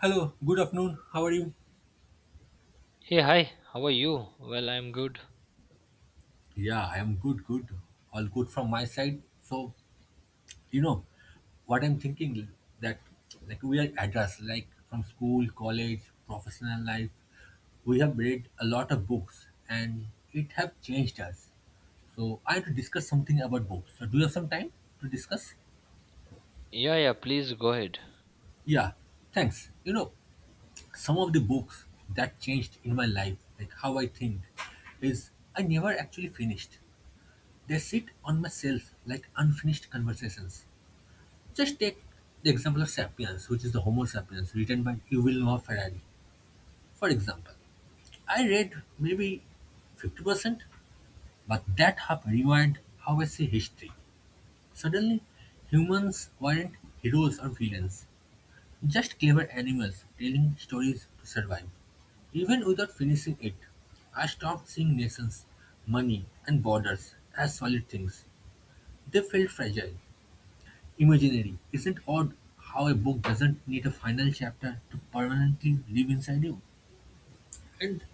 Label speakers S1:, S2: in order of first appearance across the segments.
S1: Hello, good afternoon. How are you?
S2: Hey, hi, how are you? Well, I'm good.
S1: Yeah, I am good, good. All good from my side. So, you know, what I'm thinking that like we are adults, like from school, college, professional life, we have read a lot of books and it have changed us. So I have to discuss something about books. So do you have some time to discuss?
S2: Yeah, yeah, please go ahead.
S1: Yeah, thanks. You know, some of the books that changed in my life, like how I think, is I never actually finished. They sit on my shelf like unfinished conversations. Just take the example of Sapiens, which is the Homo sapiens written by Yuval Noah Harari. For example, I read maybe 50%, but that half rewired how I see history. Suddenly, humans weren't heroes or villains, just clever animals telling stories to survive. Even without finishing it, I stopped seeing nations, money, and borders as solid things. They felt fragile. Imaginary. Isn't odd how a book doesn't need a final chapter to permanently live inside you? And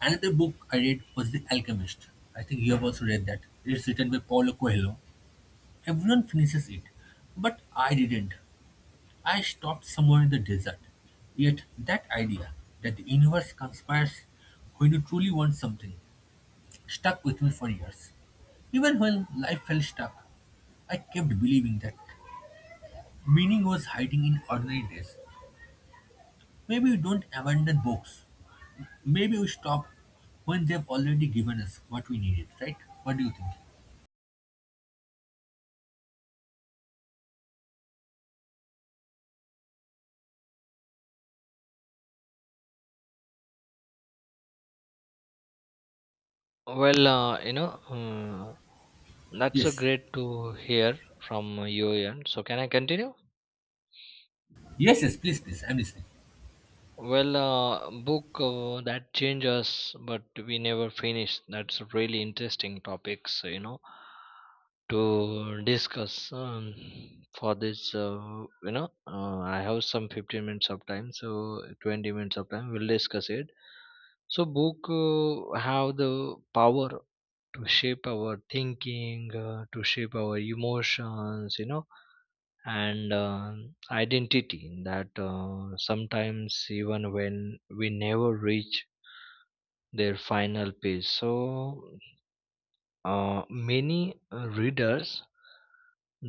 S1: another book I read was The Alchemist. I think you have also read that. It's written by Paulo Coelho. Everyone finishes it, but I didn't. I stopped somewhere in the desert. Yet that idea that the universe conspires when you truly want something stuck with me for years. Even when life felt stuck, I kept believing that meaning was hiding in ordinary days. Maybe we don't abandon books. Maybe we stop when they've already given us what we needed, right? What do you think?
S2: Well, uh, you know, uh, that's so
S1: Yes.
S2: great to hear from you, Ian. So, can I continue?
S1: Yes, yes, please, please. I'm listening.
S2: Book that changes, but we never finish. That's really interesting topics, you know. To discuss For this, I have some 15 minutes of time so 20 minutes of time we'll discuss it. Book have the power to shape our thinking, to shape our emotions you know and identity that sometimes even when we never reach their final page. So many readers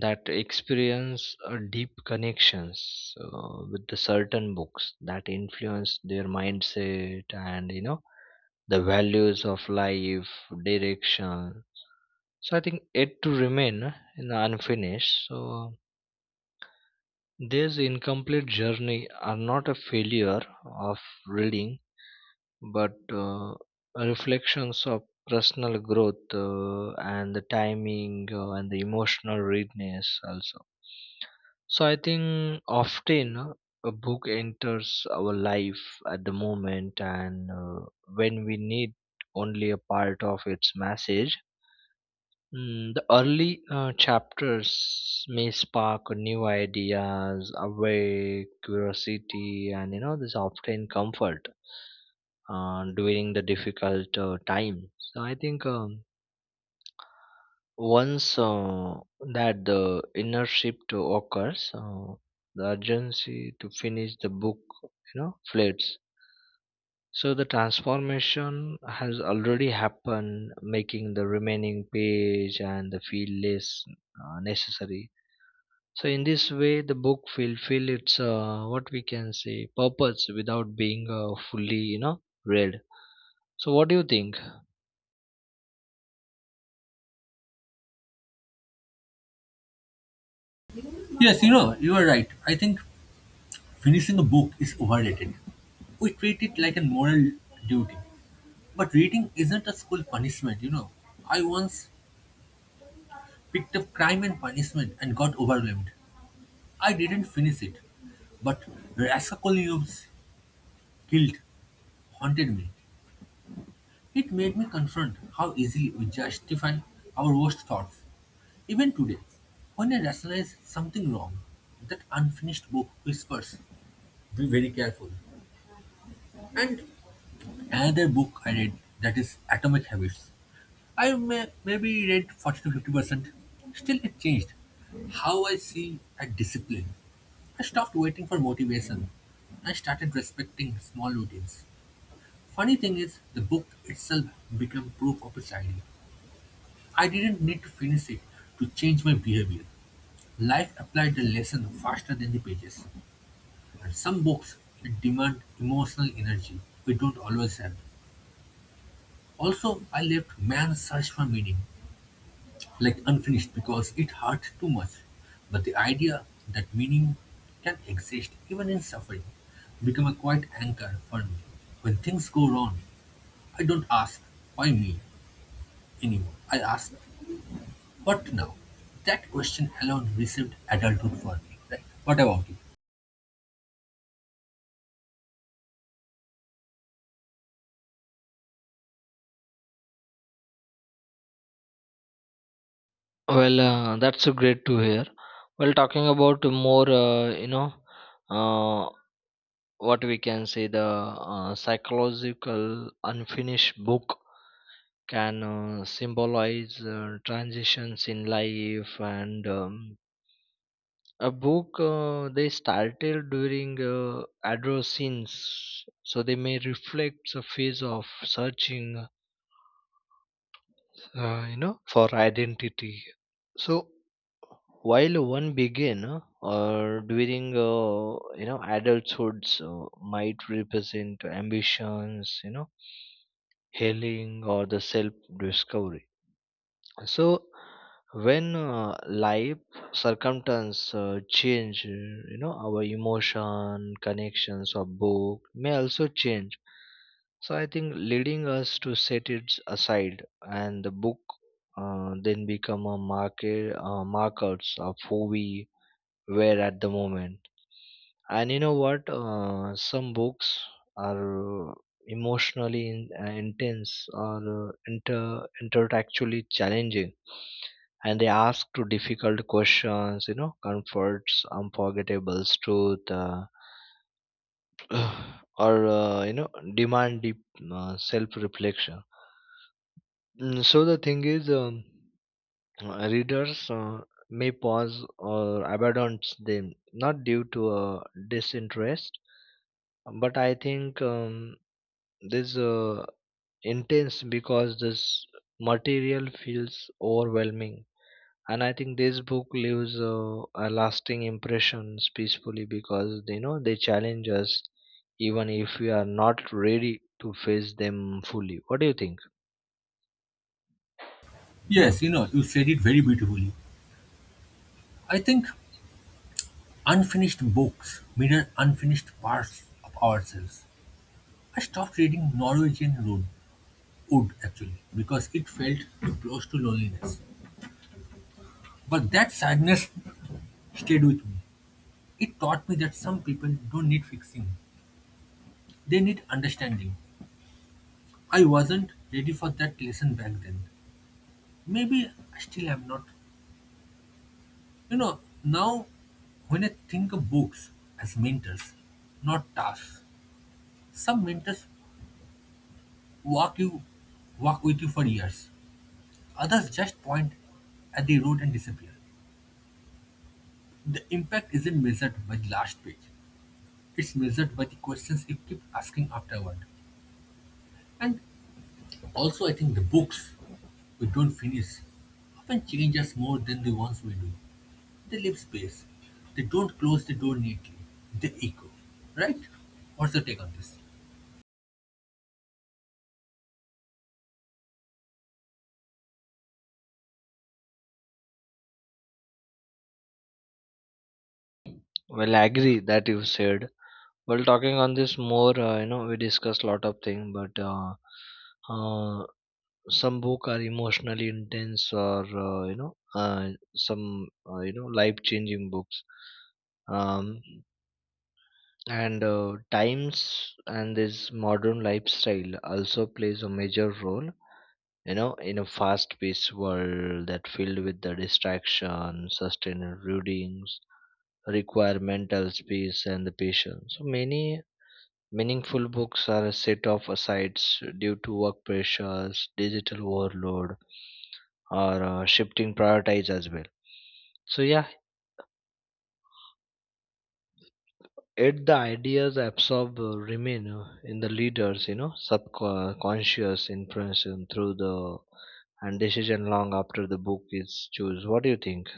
S2: that experience deep connections with the certain books that influence their mindset and you know the values of life direction. So I think it to remain in the unfinished. So this incomplete journey are not a failure of reading, but reflections of personal growth, and the timing, and the emotional readiness also. So I think often a book enters our life at the moment and when we need only a part of its message. Mm, the early chapters may spark new ideas, awake curiosity, and you know, this often comfort during the difficult time. So I think once that the inner shift occurs, the urgency to finish the book, you know, flares. So the transformation has already happened, making the remaining page and the feel less necessary. So in this way, the book will feel its what we can say purpose without being fully, you know, read. So what do you think?
S1: Yes, you know, you are right. I think finishing a book is overrated. We treat it like a moral duty. But reading isn't a school punishment, you know. I once picked up Crime and Punishment and got overwhelmed. I didn't finish it. But Raskolnikov's guilt haunted me. It made me confront how easily we justify our worst thoughts. Even today, when I rationalize something wrong, that unfinished book whispers, be very careful. And another book I read that is Atomic Habits. I maybe read 40 to 50%. Still, it changed how I see a discipline. I stopped waiting for motivation. I started respecting small routines. Funny thing is, the book itself became proof of its idea. I didn't need to finish it to change my behavior. Life applied the lesson faster than the pages. And some books demand emotional energy we don't always have. Also, I left man's search for meaning like unfinished because it hurt too much. But the idea that meaning can exist even in suffering became a quiet anchor for me. When things go wrong, I don't ask why me anymore. I ask. But now, that question alone received adulthood for me. Like, what about you?
S2: Well, that's a great to hear. Well, talking about more, uh, what we can say the psychological unfinished book can symbolize transitions in life and a book they started during adolescence, so they may reflect the phase of searching you know for identity. So while one begin or during you know adulthood so might represent ambitions you know healing or the self discovery. So when life circumstance change, you know our emotion connections of book may also change. So I think leading us to set it aside and the book then become a marker, markers of who we were at the moment. And you know what some books are emotionally intense or inter intellectually challenging and they ask to difficult questions you know comforts unforgettable truth or you know demand deep self reflection. So the thing is, readers may pause or abandon them not due to disinterest, but I think this intense because this material feels overwhelming. And I think this book leaves a lasting impressions peacefully because you know they challenge us even if we are not ready to face them fully. What do you think?
S1: Yes, you know, you said it very beautifully. I think unfinished books mirror unfinished parts of ourselves. I stopped reading Norwegian Wood actually, because it felt too close to loneliness. But that sadness stayed with me. It taught me that some people don't need fixing, they need understanding. I wasn't ready for that lesson back then. Maybe I still am not. You know, now when I think of books as mentors, not tasks, some mentors walk you walk with you for years. Others just point at the road and disappear. The impact isn't measured by the last page. It's measured by the questions you keep asking afterward. And also I think the books we don't finish often change us more than the ones we do. They leave space. They don't close the door neatly. They echo. Right? What's your take on this?
S2: Well, I agree that you said. Well, talking on this more, you know, we discussed a lot of things, but uh, some book are emotionally intense, or some you know life-changing books, um, and times and this modern lifestyle also plays a major role. You know, in a fast-paced world that filled with the distraction, sustained routines, require mental space and the patience. So many meaningful books are set off asides due to work pressures, digital overload, or shifting priorities as well. So yeah, yet the ideas absorb remain in the leaders, you know, subconscious influence and through the and decision long after the book is choose. What do you think?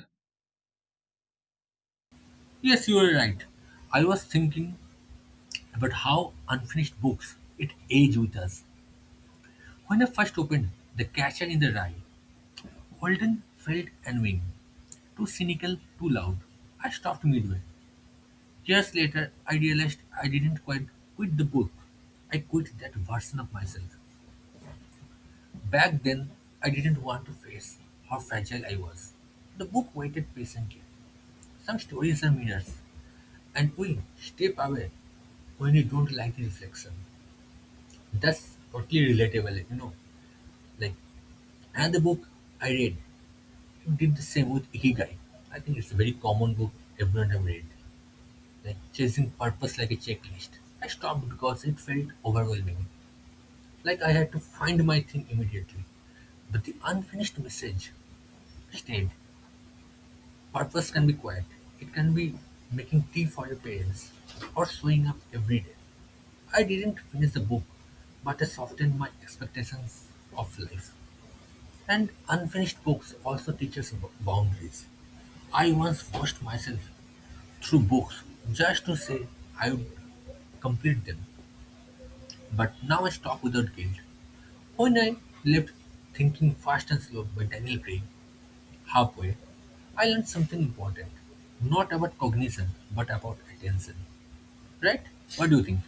S1: Yes, you are right. I was thinking about how unfinished books it age with us. When I first opened The Catcher in the Rye, Walden felt annoying, too cynical, too loud. I stopped midway. Years later, I realized I didn't quite quit the book. I quit that version of myself. Back then, I didn't want to face how fragile I was. The book waited patiently. Some stories are mirrors, and we step away when we don't like the reflection. That's totally relatable, you know. Like another book I read, did the same with Ikigai. I think it's a very common book everyone have read. Like chasing purpose like a checklist. I stopped because it felt overwhelming. Like I had to find my thing immediately. But the unfinished message stayed. Purpose can be quiet. It can be making tea for your parents or showing up every day. I didn't finish the book, but I softened my expectations of life. And unfinished books also teach us boundaries. I once forced myself through books just to say I would complete them, but now I stop without guilt. When I left Thinking Fast and Slow by Daniel Craig halfway, I learned something important. Not about cognition, but about attention. Right? What do you think?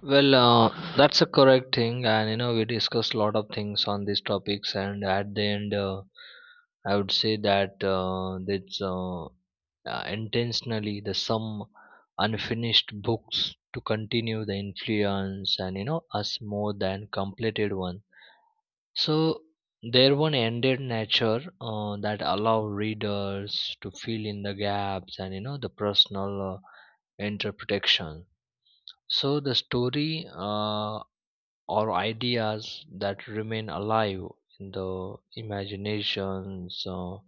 S2: Well, that's a correct thing, and you know we discussed a lot of things on these topics, and at the end, I would say that that's intentionally the some unfinished books to continue the influence, and you know us more than completed one. So their one ended nature that allow readers to fill in the gaps and you know the personal interpretation. So the story or ideas that remain alive in the imaginations,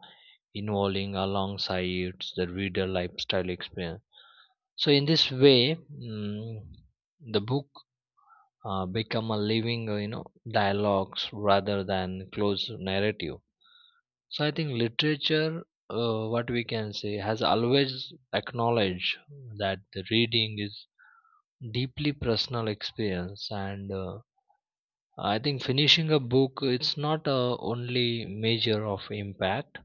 S2: involving alongside the reader lifestyle experience. So in this way, mm, the book become a living you know dialogues rather than closed narrative. So I think literature what we can say has always acknowledged that the reading is deeply personal experience and I think finishing a book it's not a only measure of impact,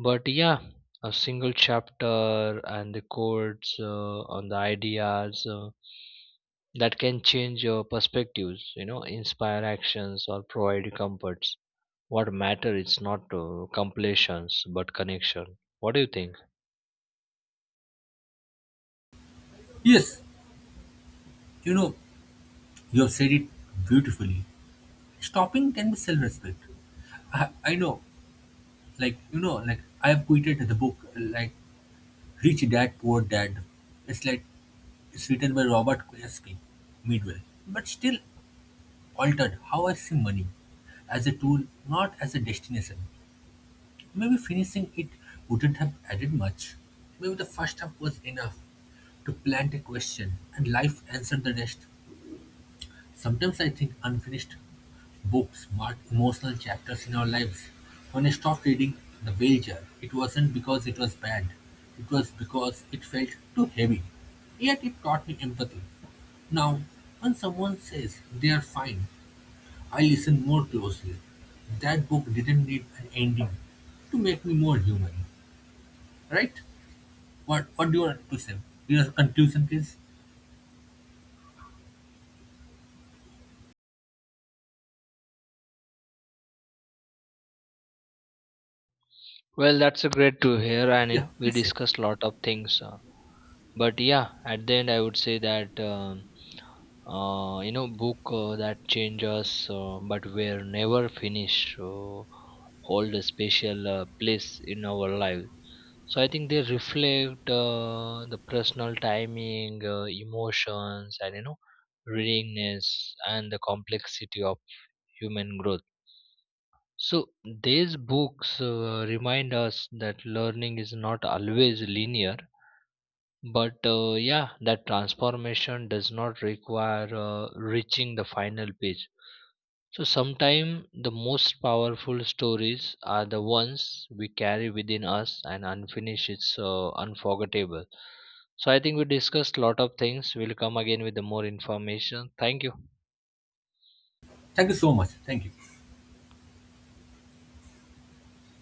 S2: but yeah, a single chapter and the quotes on the ideas that can change your perspectives, you know, inspire actions or provide comforts. What matter is not completions but connection. What do you think?
S1: Yes, you know, you have said it beautifully. Stopping can be self respect. I know, like, like I've quoted the book, like Rich Dad Poor Dad. It's like it's written by Robert Kiyosaki midway, but still altered how I see money as a tool, not as a destination. Maybe finishing it wouldn't have added much. Maybe the first half was enough to plant a question, and life answered the rest. Sometimes I think unfinished books mark emotional chapters in our lives. When I stopped reading The Wager, it wasn't because it was bad, it was because it felt too heavy. Yet it taught me empathy. Now, when someone says they are fine, I listen more closely. That book didn't need an ending to make me more human, right? What do you want to say? Your conclusion, please.
S2: Well, that's a great to hear, and you
S1: Yeah,
S2: know, we
S1: please say.
S2: discussed lot of things. But yeah, at the end, I would say that. You know book that change us but were never finished hold a special place in our life. So I think they reflect the personal timing, emotions and you know readingness and the complexity of human growth. So these books remind us that learning is not always linear, but yeah, that transformation does not require reaching the final page. So sometimes the most powerful stories are the ones we carry within us and unfinished it's unforgettable. So I think we discussed lot of things. We'll come again with the more information. Thank you.
S1: Thank you so much. Thank you.